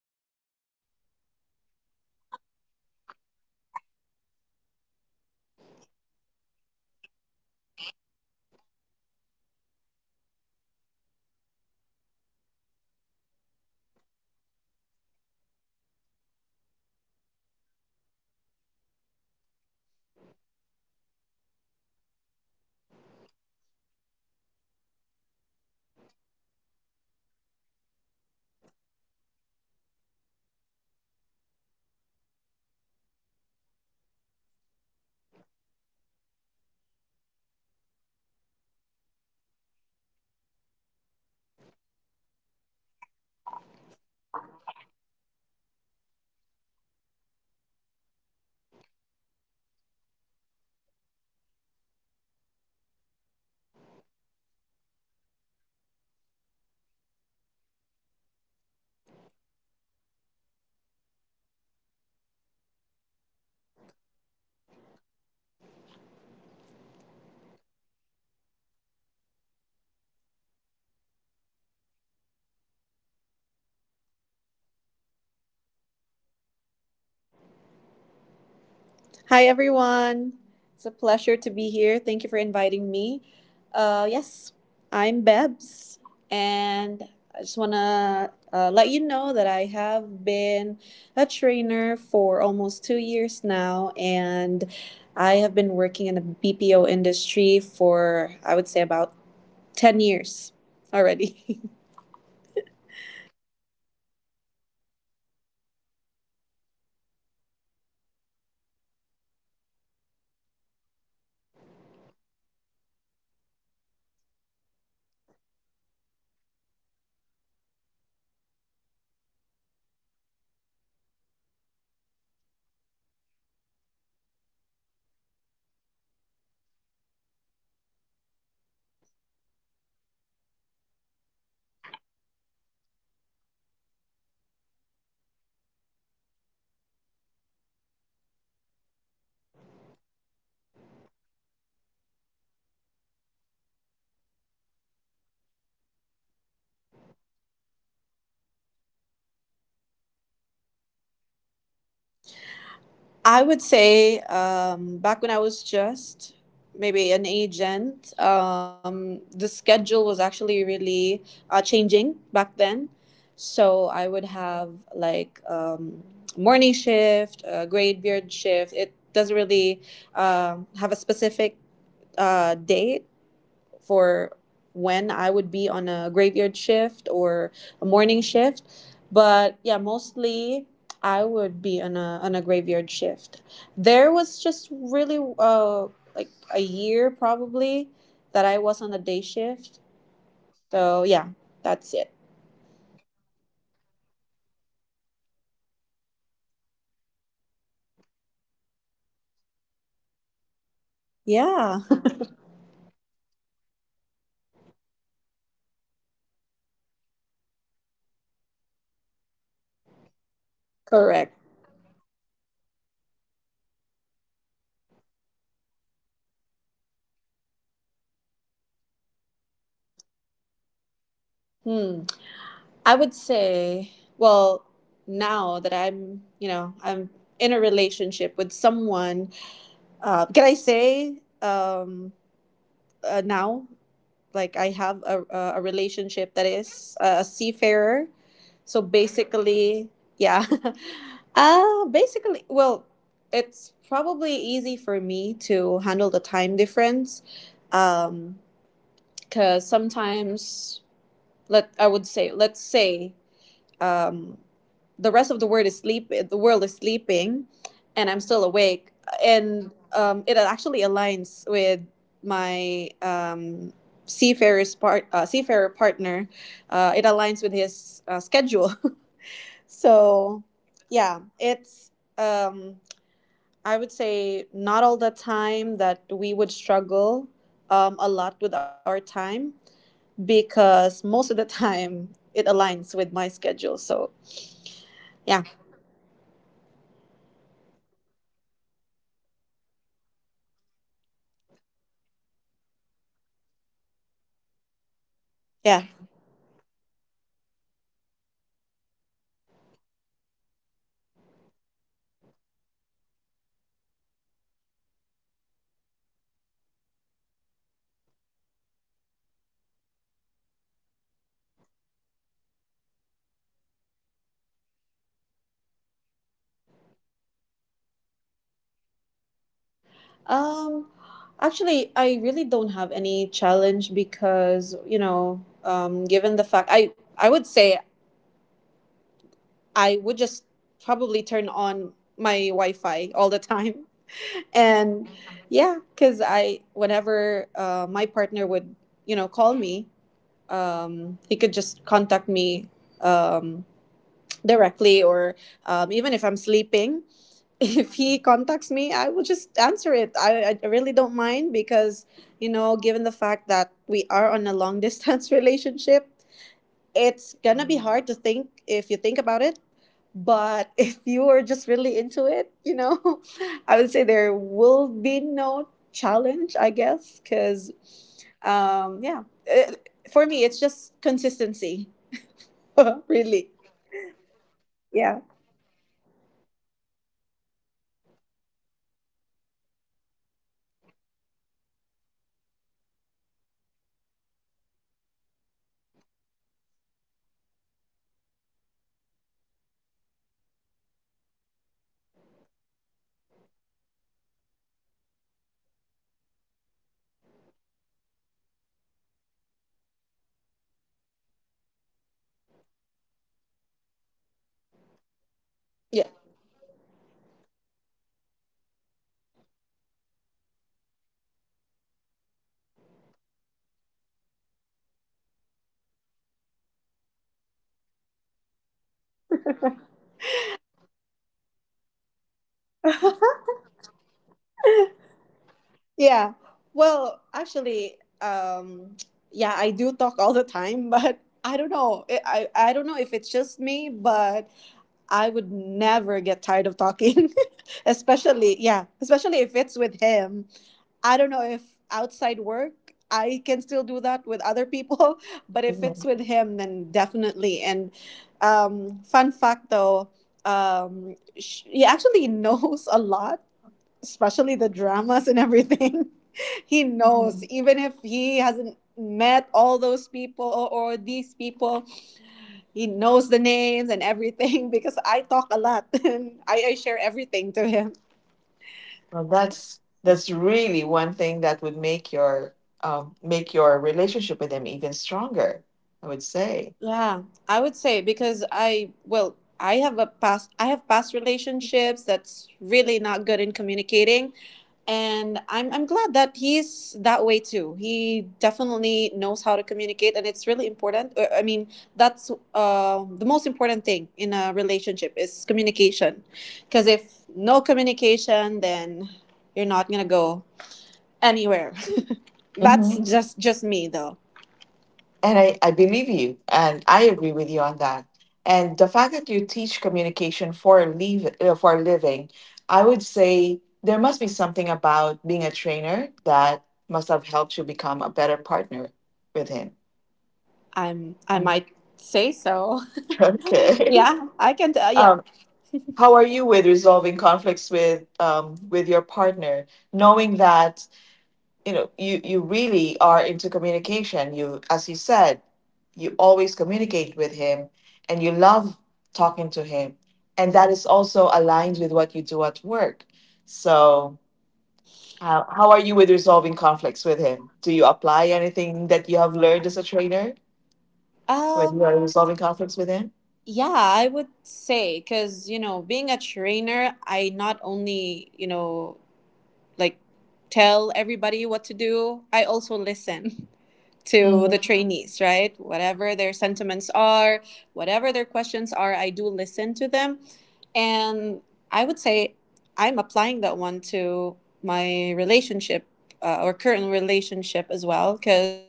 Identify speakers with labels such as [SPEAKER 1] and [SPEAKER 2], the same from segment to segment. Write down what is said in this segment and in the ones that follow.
[SPEAKER 1] everyone. Welcome to our episode of The Trainer's Life. So, as you know, I'm your host, Edmar, and today we are going to talk about something very interesting and I should say very important to many of us, and that is basically um, being able to balance our work life and our love life. And we know for a fact that in any contact center in this industry, us trainers, we get to be the professional that we are when we're at work. But once we go home, we would love to have that normal relationship with anybody or with somebody, I should say, not with anybody, with somebody. So, with that, I was able to invite someone who I would say is an amazing trainer, one of the amazing trainers that I've met in um, the last, I would say, the last few years. So I would want you to please welcome our amazing PPO trainer, Peps.
[SPEAKER 2] Hi, everyone. It's a pleasure to be here. Thank you for inviting me. Yes, I'm Bebs, and I just want to let you know that I have been a trainer for almost 2 years now, and I have been working in the BPO industry for, I would say, about 10 years already.
[SPEAKER 1] Wow, that's an amazing feat, 10 years in the industry. So I definitely have invited somebody that is really right for this topic. So, Bebs, thank you for joining me today, and I'm really excited to start this conversation with you because I know our listeners would be able to learn a lot from this conversation. So, let's start off with the fact that many of us trainers, many of us who work in a contact center, would have to deal with a graveyard shift. I wonder how many years have you been in a graveyard shift, or has there been any number of years that you were just living and working on a normal shift?
[SPEAKER 2] I would say back when I was just maybe an agent, the schedule was actually really changing back then. So I would
[SPEAKER 1] Mhm.
[SPEAKER 2] have like morning shift, graveyard shift. It doesn't really
[SPEAKER 1] Oh.
[SPEAKER 2] have a specific date for when I would be on a graveyard shift or a morning shift. But yeah, mostly I would be on a graveyard shift. There was just really like a year probably that I was on a day shift.
[SPEAKER 1] Hmm.
[SPEAKER 2] So yeah, that's it.
[SPEAKER 1] And when you became a trainer, for sure your energy has always has to be like 100% when you're in class, right?
[SPEAKER 2] Yeah,
[SPEAKER 1] And then when you leave work, you just know that the rest of the world is still awake and you're about to go sleep, right?
[SPEAKER 2] correct.
[SPEAKER 1] So, how do you handle dating somebody who has to be on that normal day shift, like a nine to five schedule, very much opposite yours?
[SPEAKER 2] Hmm. I would say, well, now that I'm in a relationship with someone, can I say, now, like I have a relationship
[SPEAKER 1] Of
[SPEAKER 2] that
[SPEAKER 1] course.
[SPEAKER 2] is a seafarer, so
[SPEAKER 1] Oh.
[SPEAKER 2] basically, yeah. Basically, well, it's probably easy for me to handle the time difference,
[SPEAKER 1] Mm-hmm.
[SPEAKER 2] um because sometimes, let I would say, let's say, um, the world is sleeping, and I'm still awake, and
[SPEAKER 1] Mm-hmm.
[SPEAKER 2] it actually aligns with my, seafarer partner. It aligns with his schedule. So
[SPEAKER 1] Nice.
[SPEAKER 2] yeah, it's, um, I would say, not all the time that we would struggle a lot with our time, because most of the time it aligns with my schedule, so yeah,
[SPEAKER 1] Well, that's good to know. Um, so, one thing though that we know for a fact that makes our dating life interesting is the spontaneity of it, right?
[SPEAKER 2] yeah.
[SPEAKER 1] Like, not everything is planned out. There are times that you just do at a time that you wanted it. Like, go somewhere without planning, be somewhere without, you know, having to think about it. So, has that been a challenge with you? So, so much so that you still end up having to plan out things?
[SPEAKER 2] Um, Actually, I really don't have any challenge because, you know, given the fact, I would say, I would just probably turn on my Wi-Fi all the time, and
[SPEAKER 1] Mhm,
[SPEAKER 2] yeah, because I whenever my partner would call me, he could just contact me um directly, or even if I'm sleeping. If
[SPEAKER 1] mhm,
[SPEAKER 2] he contacts me, I will just answer it. I really don't mind because, given the fact that we are on a long distance relationship, it's gonna
[SPEAKER 1] mhm.
[SPEAKER 2] be hard to think, if you think about it. But if you are just really into it, I would say there will be no challenge, I guess, because,
[SPEAKER 1] Right.
[SPEAKER 2] yeah. For
[SPEAKER 1] I'm
[SPEAKER 2] me, it's just consistency. Really.
[SPEAKER 1] right. I'm with you on that. And
[SPEAKER 2] Yeah.
[SPEAKER 1] sounds like it sounds like you value communication with your partner, right? So when you were still dating, I just wonder because as you said, you you're constantly communicating over the phone. Then as a trainer, you would have had spent most of your shift or most of the time basically coaching, giving feedback to your trainees, right? And it, I just wonder if there's been a time where that persona of yours as a trainer gets to cross over when you're at home or when you're with him, communicating with him. So you end up like maybe coaching him as well or training him, giving him feedback. Yeah.
[SPEAKER 2] Yeah. Well, actually, um, yeah, I do talk all the time, but I don't know. I don't know if it's just me, but I would never get tired of talking,
[SPEAKER 1] Uh
[SPEAKER 2] especially, yeah, especially if it's with him. I don't know if outside work I can still do that with other people, but if it's with him, then definitely. And fun fact though, he actually knows a lot, especially the dramas and everything. He knows,
[SPEAKER 1] huh.
[SPEAKER 2] even if he hasn't met all those people, or these people, he knows the names and everything, because I talk a lot and I share everything to him.
[SPEAKER 1] Well, that's really one thing that would make your relationship with them even stronger. I would say.
[SPEAKER 2] Yeah, I would say because I well, I have past relationships that's really not good in communicating, and I'm glad that he's that way too. He definitely knows how to communicate and it's really important. I mean, that's the most important thing in a relationship is communication. Cuz if no communication, then you're not going to go anywhere. That's
[SPEAKER 1] Mhm.
[SPEAKER 2] just me though.
[SPEAKER 1] And I believe you, and I agree with you on that. And the fact that you teach communication for a leave for a living, I would say there must be something about being a trainer that must have helped you become a better partner with him.
[SPEAKER 2] I
[SPEAKER 1] Um,
[SPEAKER 2] might say so.
[SPEAKER 1] Okay.
[SPEAKER 2] Yeah, I can tell. Yeah.
[SPEAKER 1] Um, how are you with resolving conflicts with your partner, knowing that you know you really are into communication you, as you said, you always communicate with him and you love talking to him, and that is also aligned with what you do at work? So, how are you with resolving conflicts with him? Do you apply anything that you have learned as a trainer when you
[SPEAKER 2] Um,
[SPEAKER 1] are resolving conflicts with him?
[SPEAKER 2] yeah, I would say because, being a trainer, I not only, like, tell everybody what to do, I also listen to the
[SPEAKER 1] Mhm,
[SPEAKER 2] trainees, right? Whatever their sentiments are, whatever their questions are, I do listen to them. And I would say I'm applying that one to my relationship, or current relationship, as well, because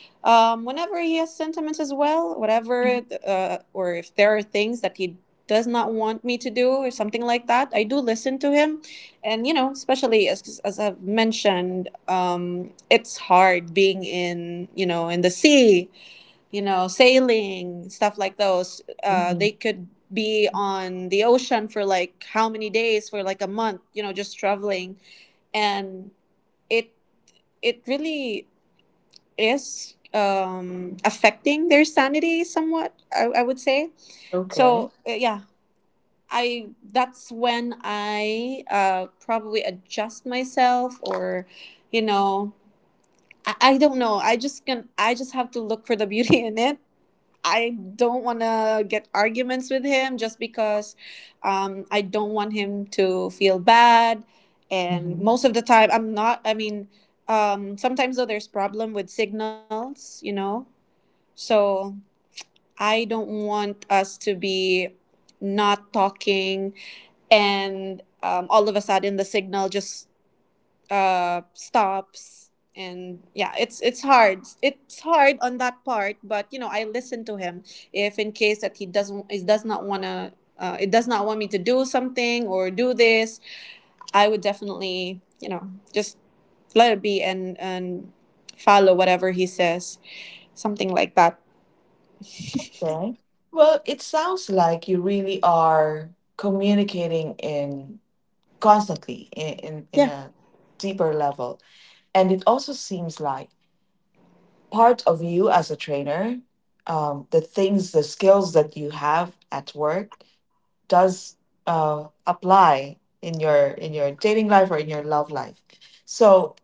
[SPEAKER 2] Whenever he has sentiments as well, whatever, or if there are things that he does not want me to do or something like that, I do listen to him. And, you know, especially as I've mentioned, it's hard being in the sea, sailing, stuff like those.
[SPEAKER 1] mhm.
[SPEAKER 2] They could be on the ocean for like how many days, for like a month, just traveling. And it, it really is, affecting their sanity somewhat, I would say
[SPEAKER 1] Okay.
[SPEAKER 2] so. Yeah, I that's when I probably adjust myself, or you know, I don't know. I just can. I just have to look for the beauty in it. I don't want to get arguments with him, just because I don't want him to feel bad. And
[SPEAKER 1] Mhm.
[SPEAKER 2] most of the time, I'm not. I mean, sometimes though, there's problem with signals, so I don't want us to be not talking, and all of a sudden the signal just stops. And yeah, it's hard. It's hard on that part, but I listen to him, if in case that he does not want to, it does not want me to do something or do this, I would definitely, just let it be, and follow whatever he says, something like that.
[SPEAKER 1] Okay. Well, it sounds like you really are communicating in constantly, in
[SPEAKER 2] Yeah.
[SPEAKER 1] a deeper level. And it also seems like part of you as a trainer, the things, the skills that you have at work does apply in your dating life or in your love life. So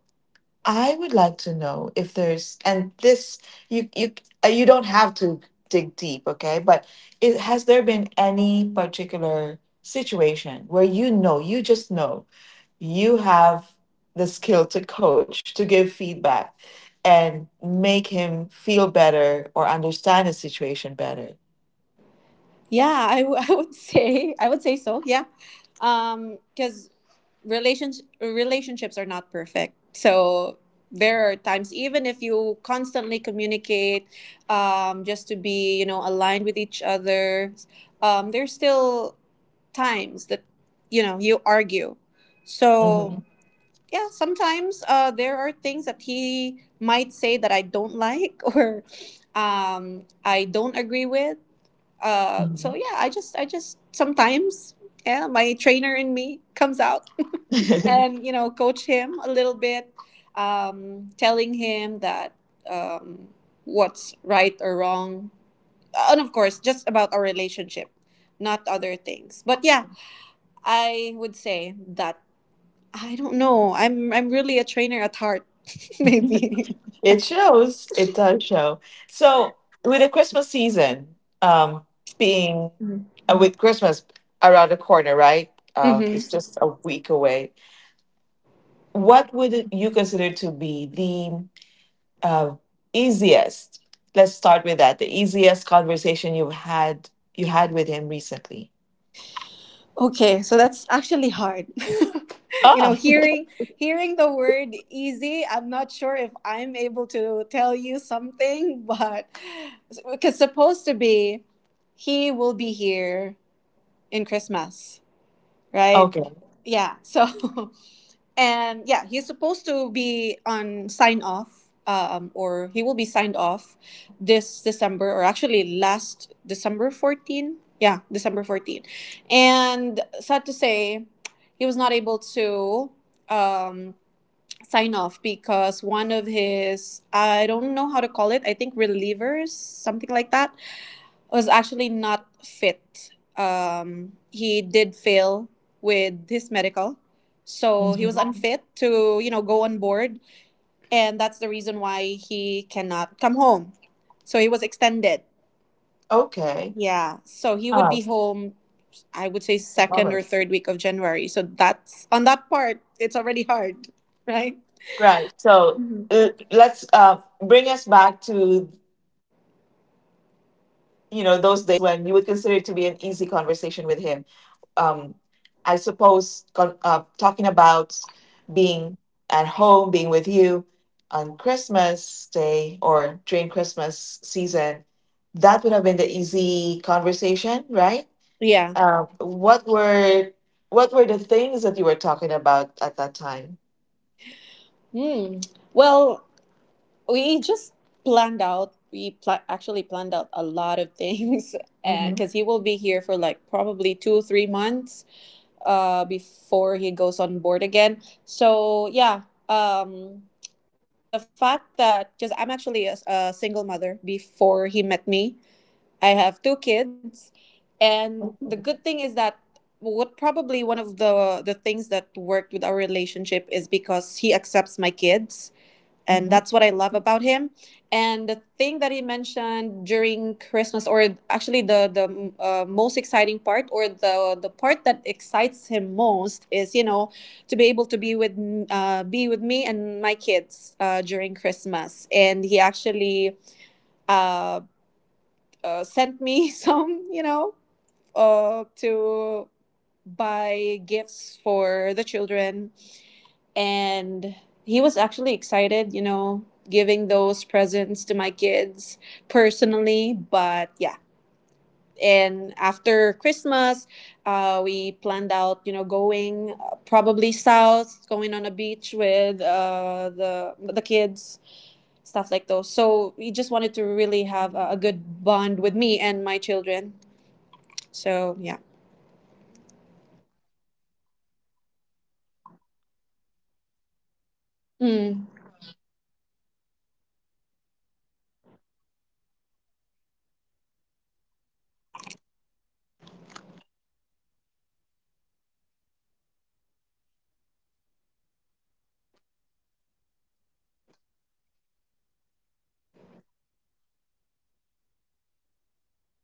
[SPEAKER 1] I would like to know if there's and this you you you don't have to dig deep, okay? But it, has there been any particular situation where you know, you just know you have the skill to coach, to give feedback and make him feel better or understand the situation better?
[SPEAKER 2] Yeah, I would say so. Yeah, because relationships are not perfect. So there are times, even if you constantly communicate, just to be, aligned with each other, there's still times that you argue. So
[SPEAKER 1] Mhm,
[SPEAKER 2] yeah, sometimes there are things that he might say that I don't like, or I don't agree with, so
[SPEAKER 1] mhm.
[SPEAKER 2] yeah, I just sometimes, yeah, my trainer in me comes out, and coach him a little bit, telling him that, um, what's right or wrong, and of course just about our relationship, not other things. But yeah, I would say that, I don't know, I'm really a trainer at heart, maybe.
[SPEAKER 1] It shows. It does show. So, with the Christmas season um, being
[SPEAKER 2] Mhm.
[SPEAKER 1] with Christmas around the corner, right?
[SPEAKER 2] Mhm.
[SPEAKER 1] It's just a week away. What would you consider to be the uh, easiest let's start with that, the easiest conversation you had with him recently?
[SPEAKER 2] Okay, so that's actually hard. you know,
[SPEAKER 1] Ah.
[SPEAKER 2] hearing hearing the word easy, I'm not sure if I'm able to tell you something, but because supposed to be, he will be here in Christmas, right?
[SPEAKER 1] Okay.
[SPEAKER 2] Yeah. So And yeah, he's supposed to be on sign off, or he will be signed off this December, or actually last December 14. Yeah, December 14. And sad to say, he was not able to, um, sign off, because one of his, I don't know how to call it, I think relievers, something like that, was actually not fit. He did fail with his medical, so he was
[SPEAKER 1] Mhm.
[SPEAKER 2] unfit to go on board, and that's the reason why he cannot come home. So he was extended.
[SPEAKER 1] Okay.
[SPEAKER 2] Yeah, so he would
[SPEAKER 1] Ah.
[SPEAKER 2] be home, I would say, second or third week of January. So that's on that part, it's already hard, right?
[SPEAKER 1] Right. So,
[SPEAKER 2] Mhm.
[SPEAKER 1] let's bring us back to you know those days when you would consider it to be an easy conversation with him. Um, I suppose talking about being at home, being with you on Christmas Day or during Christmas season, that would have been the easy conversation, right?
[SPEAKER 2] Yeah.
[SPEAKER 1] Um, what were what were the things that you were talking about at that time?
[SPEAKER 2] Hmm. Well, we just planned out we pla- actually planned out a lot of things, and
[SPEAKER 1] Mm-hmm.
[SPEAKER 2] because he will be here for like probably 2 or 3 months before he goes on board again, so yeah, um the fact that, because I'm actually a single mother before he met me, I have two kids.
[SPEAKER 1] Mm-hmm.
[SPEAKER 2] And the good thing is that, what probably, one of the things that worked with our relationship is because he accepts my kids, and
[SPEAKER 1] Mm-hmm.
[SPEAKER 2] that's what I love about him. And the thing that he mentioned during Christmas, or actually the most exciting part, or the part that excites him most, is to be able to be with me and my kids during Christmas. And he actually, uh, sent me some, to buy gifts for the children, and he was actually excited, giving those presents to my kids personally. But yeah, and after Christmas, we planned out, going probably south, going on a beach with the kids, stuff like those. So we just wanted to really have a good bond with me and my children. So yeah.
[SPEAKER 1] Right, and I that definitely would have been an easy conversation with him.
[SPEAKER 2] Mm.
[SPEAKER 1] So, as you mentioned, that turned out eventually it became a difficult conversation, and although I have an idea what made it difficult, I'd like you to tell our listeners um, what was the most difficult part now of basically, that conversation turning out to be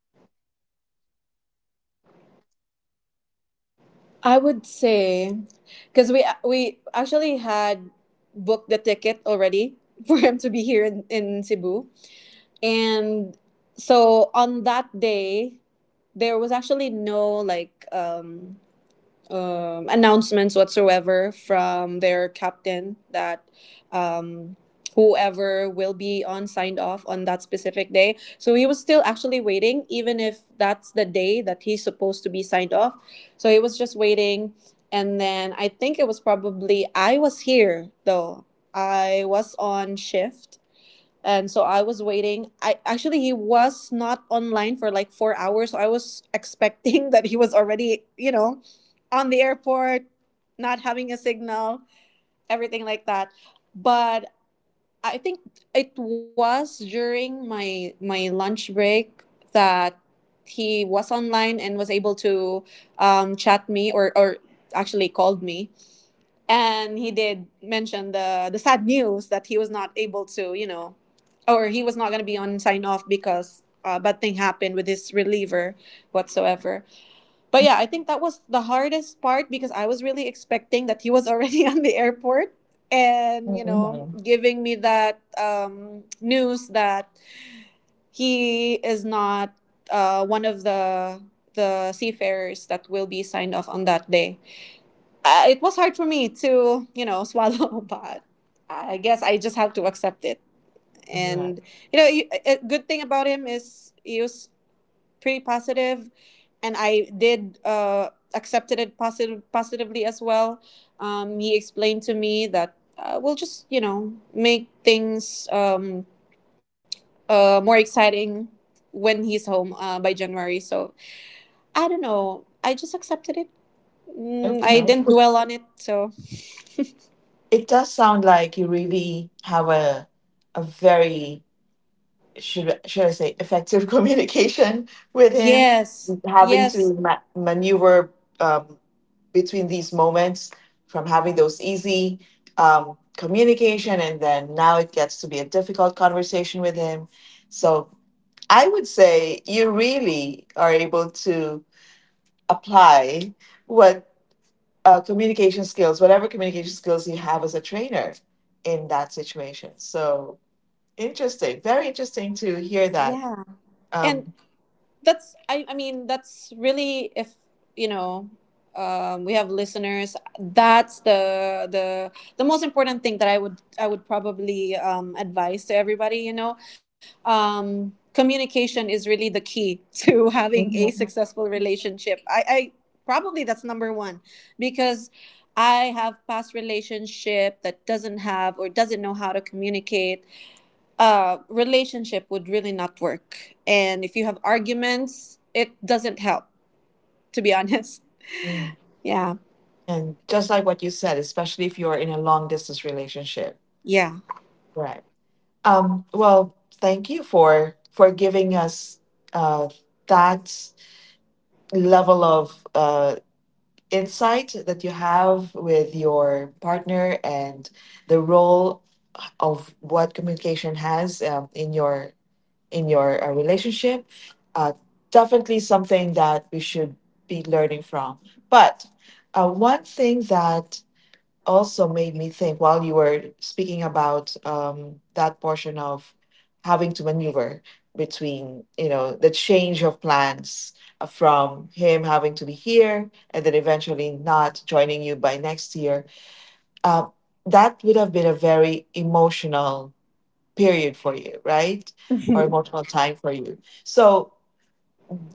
[SPEAKER 1] a difficult conversation. What made it difficult?
[SPEAKER 2] I would say because we actually had booked the ticket already for him to be
[SPEAKER 1] Mhm.
[SPEAKER 2] here in Cebu. And so on that day, there was actually no like announcements whatsoever from their captain that, um, whoever will be on signed off on that specific day. So he was still actually waiting, even if that's the day that he's supposed to be signed off. So he was just waiting. And then I think it was probably, I was here though. I was on shift, and so I was waiting. I actually, he was not online for like 4 hours, so I was expecting that he was already, you know, on the airport, not having a signal, everything like that. But I think it was during my lunch break that he was online and was able to chat me or actually called me. And he did mention the sad news that he was not able to, you know, or he was not going to be on sign off because a bad thing happened with his reliever whatsoever. But yeah, I think that was the hardest part because I was really expecting that he was already on the airport and, you know,
[SPEAKER 1] Mhm.
[SPEAKER 2] giving me that news that he is not one of the seafarers that will be signed off on that day. It was hard for me to, you know, swallow but I guess I just have to accept it.
[SPEAKER 1] Right.
[SPEAKER 2] And, you know, a good thing about him is he was pretty positive, and I did accepted it positively as well. He explained to me that we'll just, you know, make things more exciting when he's home by January. So I don't know, I just accepted it. I
[SPEAKER 1] Okay.
[SPEAKER 2] didn't dwell on it. So
[SPEAKER 1] It does sound like you really have a very should I say effective communication with him,
[SPEAKER 2] yes,
[SPEAKER 1] having to
[SPEAKER 2] yes,
[SPEAKER 1] maneuver um, between these moments, from having those easy communication and then now it gets to be a difficult conversation with him. So I would say you really are able to apply what communication skills, whatever communication skills you have as a trainer in that situation. So, interesting, very interesting to hear that.
[SPEAKER 2] yeah. And
[SPEAKER 1] Um,
[SPEAKER 2] that's, I mean, that's really if, you know, we have listeners. That's the the most important thing that I would probably advise to everybody. You know, communication is really the key to having a
[SPEAKER 1] Mhm.
[SPEAKER 2] successful relationship. I probably that's number one, because I have past relationship that doesn't have or doesn't know how to communicate. Relationship would really not work. And if you have arguments, it doesn't help, to be honest.
[SPEAKER 1] Mm.
[SPEAKER 2] Yeah.
[SPEAKER 1] And just like what you said, especially if you're in a long distance relationship.
[SPEAKER 2] Yeah.
[SPEAKER 1] Right. Well, thank you for giving us uh, that level of insight that you have with your partner and the role of what communication has in your relationship, uh, definitely something that we should be learning from, but one thing that also made me think while you were speaking about that portion of having to maneuver between you know the change of plans, from him having to be here and then eventually not joining you by next year, uh, that would have been a very emotional period for you, right? Or emotional time for you. So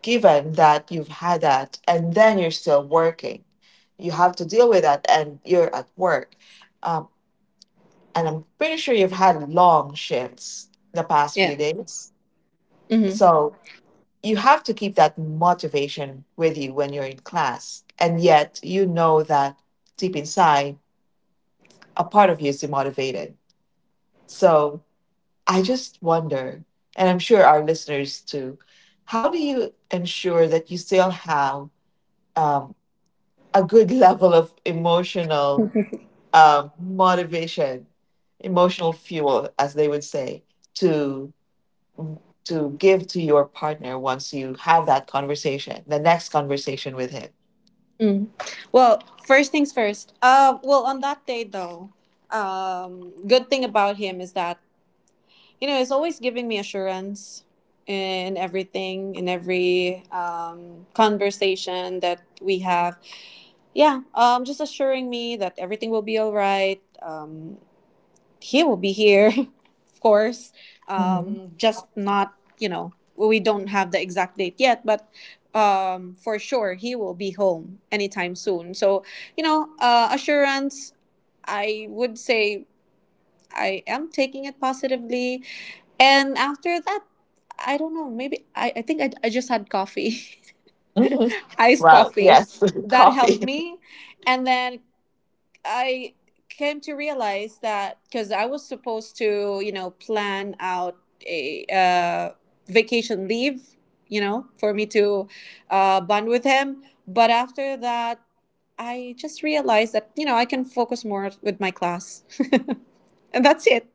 [SPEAKER 1] given that you've had that and then you're still working, you have to deal with that and you're at work. Um, and I'm pretty sure you've had long shifts the past
[SPEAKER 2] Yeah.
[SPEAKER 1] few days.
[SPEAKER 2] Hmm.
[SPEAKER 1] So you have to keep that motivation with you when you're in class. And yet you know that deep inside, a part of you is demotivated. So I just wonder, and I'm sure our listeners too, how do you ensure that you still have um, a good level of emotional motivation, emotional fuel, as they would say, to give to your partner once you have that conversation, the next conversation with him?
[SPEAKER 2] Mm. Well, first things first. Well, on that day though, good thing about him is that, you know, he's always giving me assurance in everything, in every conversation that we have. Yeah, just assuring me that everything will be all right. He will be here, of course.
[SPEAKER 1] Hmm.
[SPEAKER 2] Just not, you know, well, we don't have the exact date yet, but for sure he will be home anytime soon. So, you know, assurance, I would say I am taking it positively. And after that, I don't know, maybe I think I just had coffee, iced
[SPEAKER 1] Wow.
[SPEAKER 2] coffee.
[SPEAKER 1] Yes.
[SPEAKER 2] That helped
[SPEAKER 1] Coffee.
[SPEAKER 2] me. And then I came to realize that because I was supposed to, you know, plan out a vacation leave, you know, for me to bond with him. But after that, I just realized that, you know, I can focus more with my class. And that's it.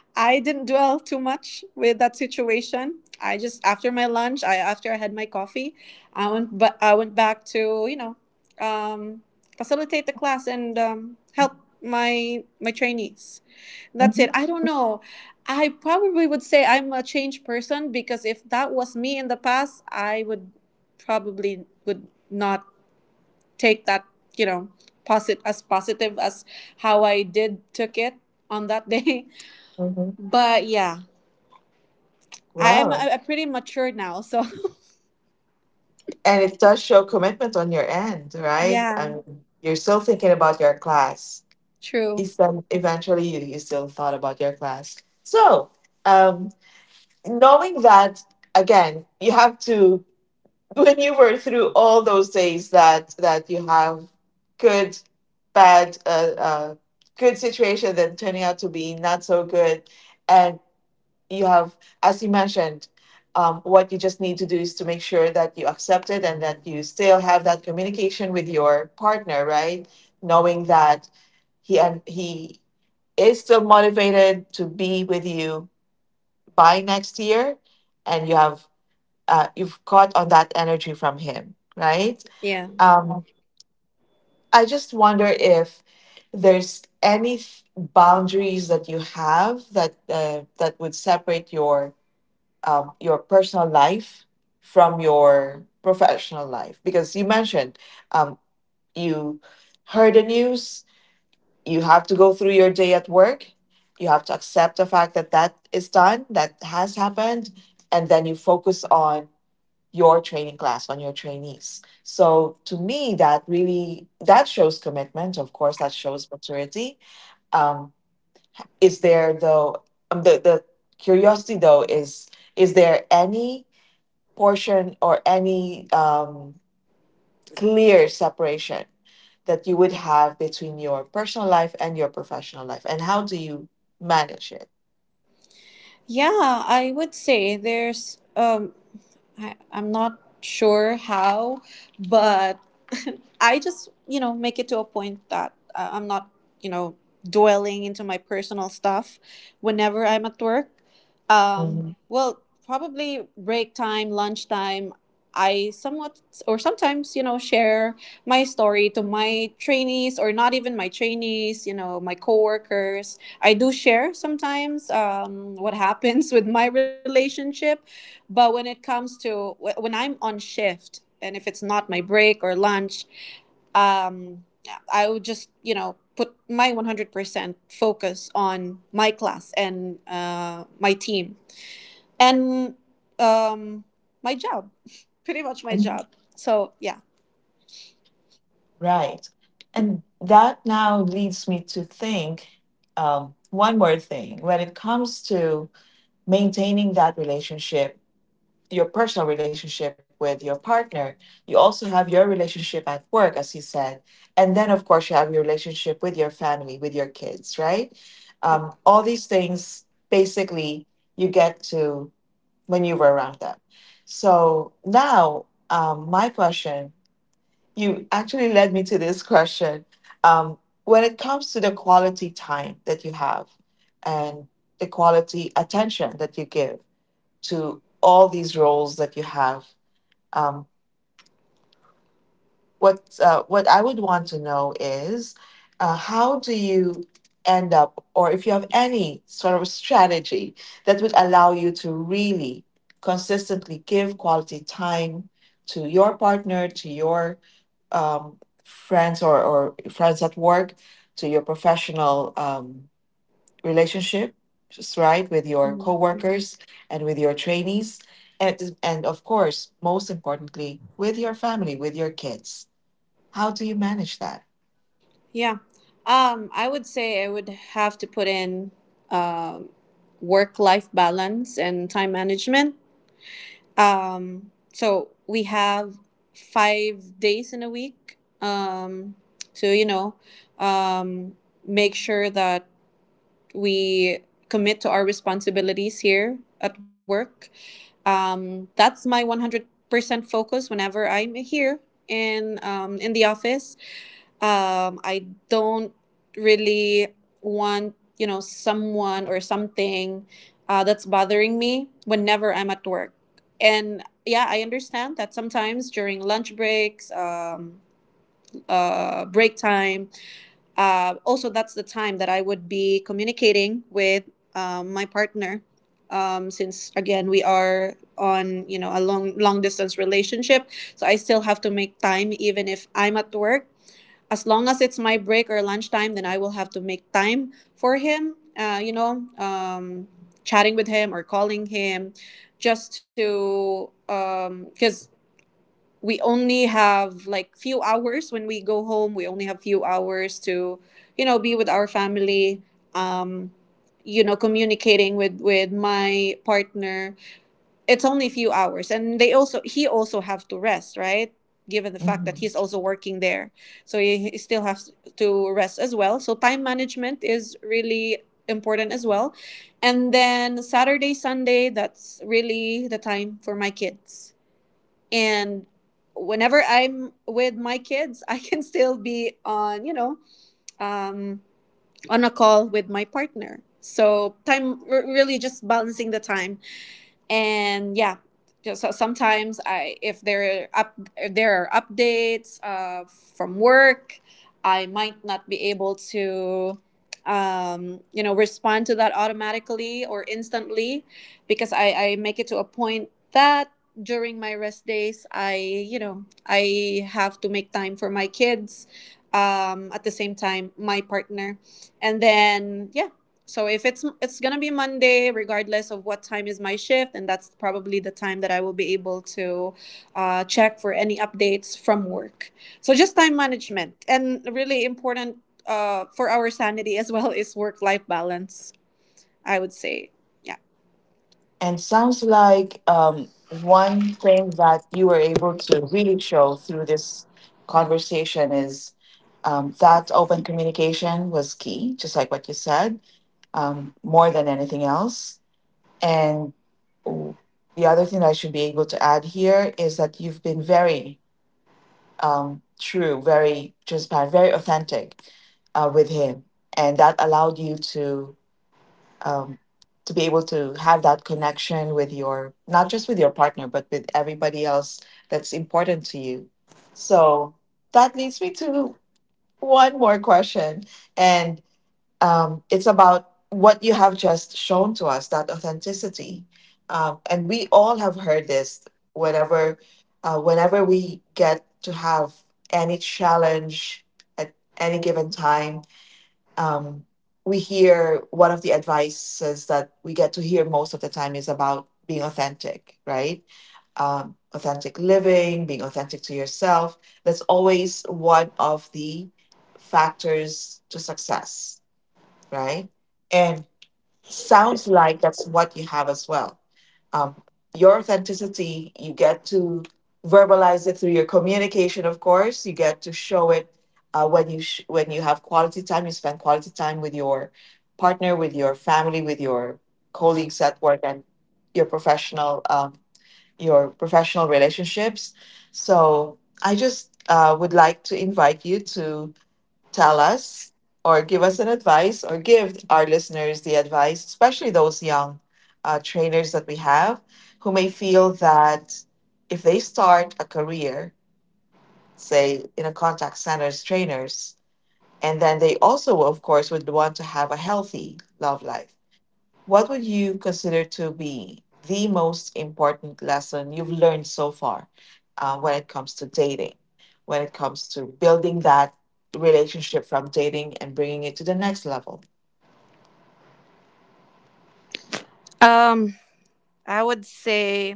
[SPEAKER 2] I didn't dwell too much with that situation. I just after my lunch, I after I had my coffee, I went back to, you know, um, facilitate the class and help my trainees. That's
[SPEAKER 1] Hmm.
[SPEAKER 2] it. I don't know. I probably would say I'm a changed person, because if that was me in the past, I would not take that, you know, posit as positive as how I did took it on that day.
[SPEAKER 1] Hmm.
[SPEAKER 2] But yeah, I am
[SPEAKER 1] Well,
[SPEAKER 2] I'm pretty mature now. So
[SPEAKER 1] and it does show commitment on your end, right? I
[SPEAKER 2] yeah,
[SPEAKER 1] mean, you're still thinking about your class.
[SPEAKER 2] true.
[SPEAKER 1] Is then eventually you still thought about your class. So, um, knowing that again, you have to when you were through all those days that you have good, bad, good situation, then turning out to be not so good, and you have, as you mentioned, what you just need to do is to make sure that you accept it and that you still have that communication with your partner, right? Knowing that he is still motivated to be with you by next year, and you have you've caught on that energy from him, right?
[SPEAKER 2] Yeah.
[SPEAKER 1] Um, I just wonder if there's any boundaries that you have that that would separate your personal life from your professional life? Because you mentioned um, you heard the news, you have to go through your day at work, you have to accept the fact that that is done, that has happened, and then you focus on your training class, on your trainees. So to me, that really that shows commitment. Of course, that shows maturity. Um, is there though, the curiosity though is there any portion or any clear separation that you would have between your personal life and your professional life, and how do you manage it?
[SPEAKER 2] Yeah, I would say there's I'm not sure how, but I just, you know, make it to a point that I'm not, you know, dwelling into my personal stuff whenever I'm at work. Well, probably break time, lunchtime, I somewhat or sometimes, you know, share my story to my trainees or not even my trainees, you know, my coworkers. I do share sometimes what happens with my relationship. But when it comes to when I'm on shift and if it's not my break or lunch, um, I would just, you know, put my 100% focus on my class and my team and um, my job, pretty much my
[SPEAKER 1] Mhm.
[SPEAKER 2] job. So, yeah.
[SPEAKER 1] Right. And that now leads me to think, one more thing. When it comes to maintaining that relationship, your personal relationship with your partner, you also have your relationship at work, as you said. And then, of course, you have your relationship with your family, with your kids, right?
[SPEAKER 2] Yep.
[SPEAKER 1] All these things basically you get to maneuver around them. So now, my question, you actually led me to this question. Um, when it comes to the quality time that you have and the quality attention that you give to all these roles that you have, um, what I would want to know is how do you end up, or if you have any sort of strategy that would allow you to really consistently give quality time to your partner, to your um, friends or friends at work, to your professional relationship, just right, with your
[SPEAKER 2] Mhm.
[SPEAKER 1] coworkers and with your trainees. And of course, most importantly, with your family, with your kids. How do you manage that?
[SPEAKER 2] Yeah. I would say I would have to put in um work life balance and time management. So we have 5 days in a week to, you know, um, make sure that we commit to our responsibilities here at work. That's my 100% focus whenever I'm here in, in the office. I don't really want, you know, someone or something that's bothering me whenever I'm at work. And yeah, I understand that sometimes during lunch breaks, break time, also that's the time that I would be communicating with my partner, since again we are on, you know, a long distance relationship. So I still have to make time even if I'm at work. As long as it's my break or lunchtime, then I will have to make time for him. You know, chatting with him or calling him, just to because we only have like few hours when we go home. We only have few hours to, you know, be with our family. Um, you know, communicating with my partner, it's only a few hours. And they also he also have to rest, right, given the fact that
[SPEAKER 1] Mhm.
[SPEAKER 2] he's also working there. So he still has to rest as well. So time management is really important as well. And then Saturday, Sunday, that's really the time for my kids. And whenever I'm with my kids, I can still be on, you know, um on a call with my partner. So time really just balancing the time. And yeah, just so sometimes I if there are up if there are updates from work, I might not be able to you know, respond to that automatically or instantly. Because I make it to a point that during my rest days, I you know, I have to make time for my kids, at the same time my partner. And then yeah, so if it's it's gonna be Monday, regardless of what time is my shift, and that's probably the time that I will be able to check for any updates from work. So just time management. And really important for our sanity as well is work life balance. I would say, yeah.
[SPEAKER 1] And sounds like one thing that you were able to really show through this conversation is that open communication was key, just like what you said, more than anything else. And w- the other thing that I should be able to add here is that you've been very true, very transparent, very authentic with him. And that allowed you um, to be able to have that connection with your, not just with your partner but with everybody else that's important to you. So that leads me to one more question. And it's about what you have just shown to us, that authenticity. And we all have heard this whenever whenever we get to have any challenge at any given time, um, we hear one of the advices that we get to hear most of the time is about being authentic, right? Authentic living, being authentic to yourself. That's always one of the factors to success, right? And sounds like that's what you have as well. Um, your authenticity, you get to verbalize it through your communication, of course. You get to show it when you when you have quality time. You spend quality time with your partner, with your family, with your colleagues at work, and your professional, your professional relationships. So I just would like to invite you to tell us, or give us an advice, or give our listeners the advice, especially those young trainers that we have who may feel that if they start a career, say in a contact center as trainers, and then they also, of course, would want to have a healthy love life. What would you consider to be the most important lesson you've learned so far when it comes to dating, when it comes to building that relationship from dating and bringing it to the next level?
[SPEAKER 2] Um, I would say,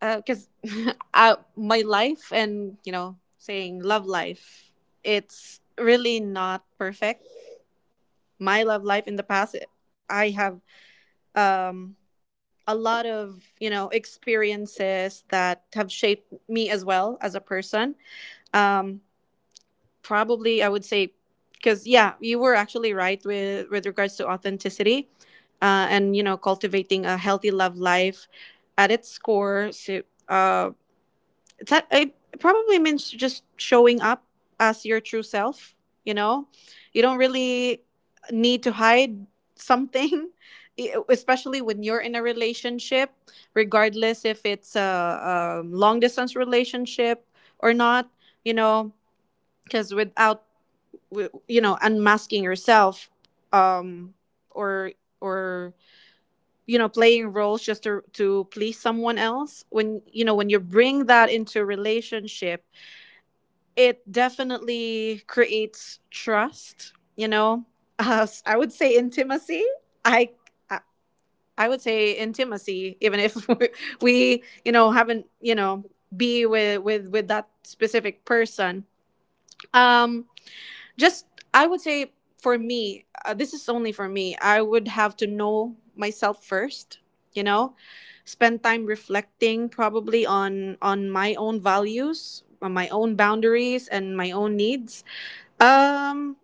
[SPEAKER 2] because my life and, you know, saying love life, it's really not perfect. My love life in the past, I have um, a lot of, you know, experiences that have shaped me as well as a person. Um, Probably, I would say, because yeah, you were actually right with regards to authenticity, and, you know, cultivating a healthy love life at its core. So, uh, that it probably means just showing up as your true self. You know, you don't really need to hide something. Especially when you're in a relationship, regardless if it's a long distance relationship or not. You know, because without you know, unmasking yourself, um or or you know, playing roles just to please someone else, when you know, when you bring that into a relationship, it definitely creates trust, you know. I would say intimacy. i i I would say intimacy, even if we, you know, haven't, you know, be with with that specific person. um just I would say for me, this is only for me, I would have to know myself first. You know, spend time reflecting probably on my own values, on my own boundaries, and my own needs. um,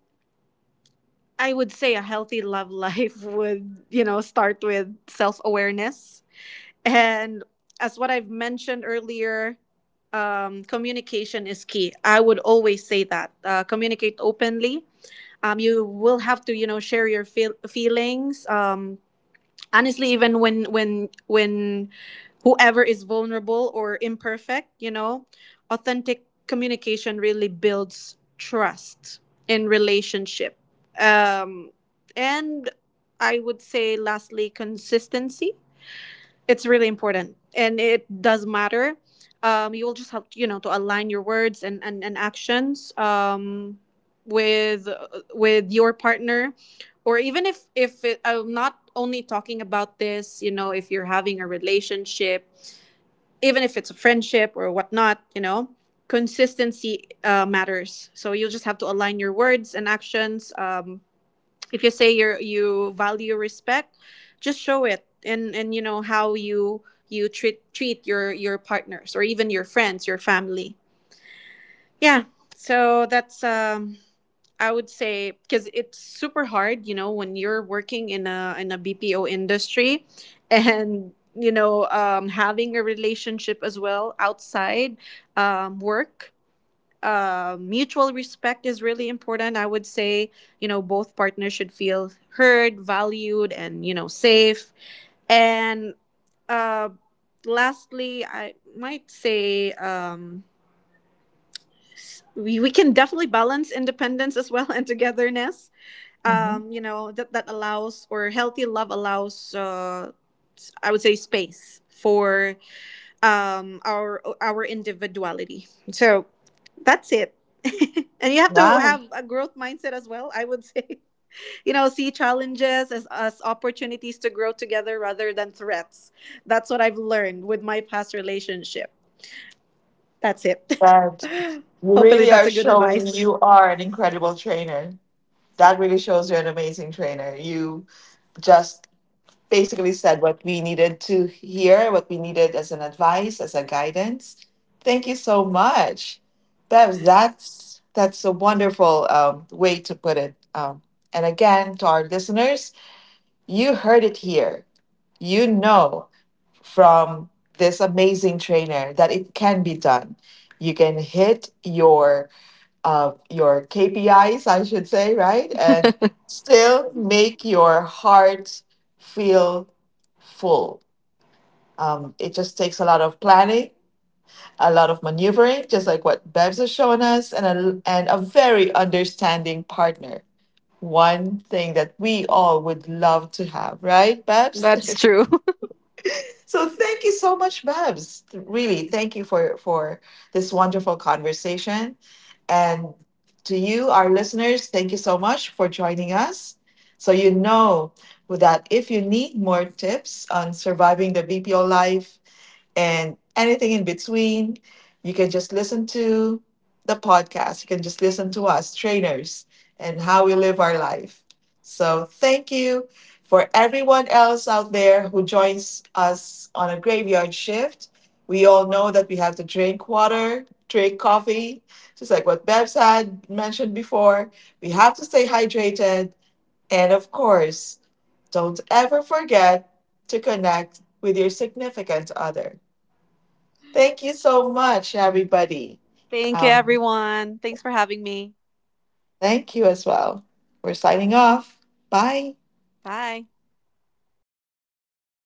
[SPEAKER 2] I would say a healthy love life would, you know, start with self awareness. And as what I've mentioned earlier, communication is key. I would always say that communicate openly. You will have to, you know, share your feelings. Honestly, even when when whoever is vulnerable or imperfect, you know, authentic communication really builds trust in relationship. Um, and I would say, lastly, consistency. It's really important and it does matter. You will just have, you know, to align your words and, and actions with your partner. Or even if it, I'm not only talking about this, you know, if you're having a relationship, even if it's a friendship or whatnot, you know, consistency matters. So you'll just have to align your words and actions. If you say you value respect, just show it, and you know how you treat your partners or even your friends, your family. Yeah. So that's I would say, because it's super hard, you know, when you're working in a BPO industry, and you know, having a relationship as well outside work. Mutual respect is really important. I would say, you know, both partners should feel heard, valued, and you know, safe. And uh, lastly, I might say we can definitely balance independence as well and togetherness.
[SPEAKER 1] Hmm.
[SPEAKER 2] You know, that that allows, or healthy love allows, I would say space for our individuality. So that's it. And you have to
[SPEAKER 1] Wow,
[SPEAKER 2] have a growth mindset as well. I would say, you know, see challenges as opportunities to grow together rather than threats. That's what I've learned with my past relationship. That's it.
[SPEAKER 1] that you
[SPEAKER 2] Hopefully,
[SPEAKER 1] really
[SPEAKER 2] that's
[SPEAKER 1] are
[SPEAKER 2] a good
[SPEAKER 1] showing
[SPEAKER 2] advice.
[SPEAKER 1] you are an incredible trainer. That really shows you're an amazing trainer. You just basically said what we needed to hear, what we needed as an advice, as a guidance. Thank you so much, Bevs. That's a wonderful way to put it. And again, to our listeners, you heard it here. You know, from this amazing trainer, that it can be done. You can hit your KPIs, I should say, right? And still make your heart feel full. It just takes a lot of planning, a lot of maneuvering, just like what Bebs has shown us, and a very understanding partner. One thing that we all would love to have, right,
[SPEAKER 2] That's
[SPEAKER 1] Bebs?
[SPEAKER 2] true.
[SPEAKER 1] So thank you so much, Babs. Really, thank you for this wonderful conversation. And to you, our listeners, thank you so much for joining us. So you know that if you need more tips on surviving the BPO life, and anything in between. You can just listen to the podcast. You can just listen to us, trainers, and how we live our life. So, thank you for everyone else out there who joins us on a graveyard shift. We all know that we have to drink water, drink coffee, just like what Bebs had mentioned before. We have to stay hydrated. And of course, don't ever forget to connect with your significant other. Thank you so much, everybody.
[SPEAKER 2] Thank you,
[SPEAKER 1] Um,
[SPEAKER 2] everyone. Thanks for having me.
[SPEAKER 1] Thank you as well. We're signing off. Bye.
[SPEAKER 2] Bye.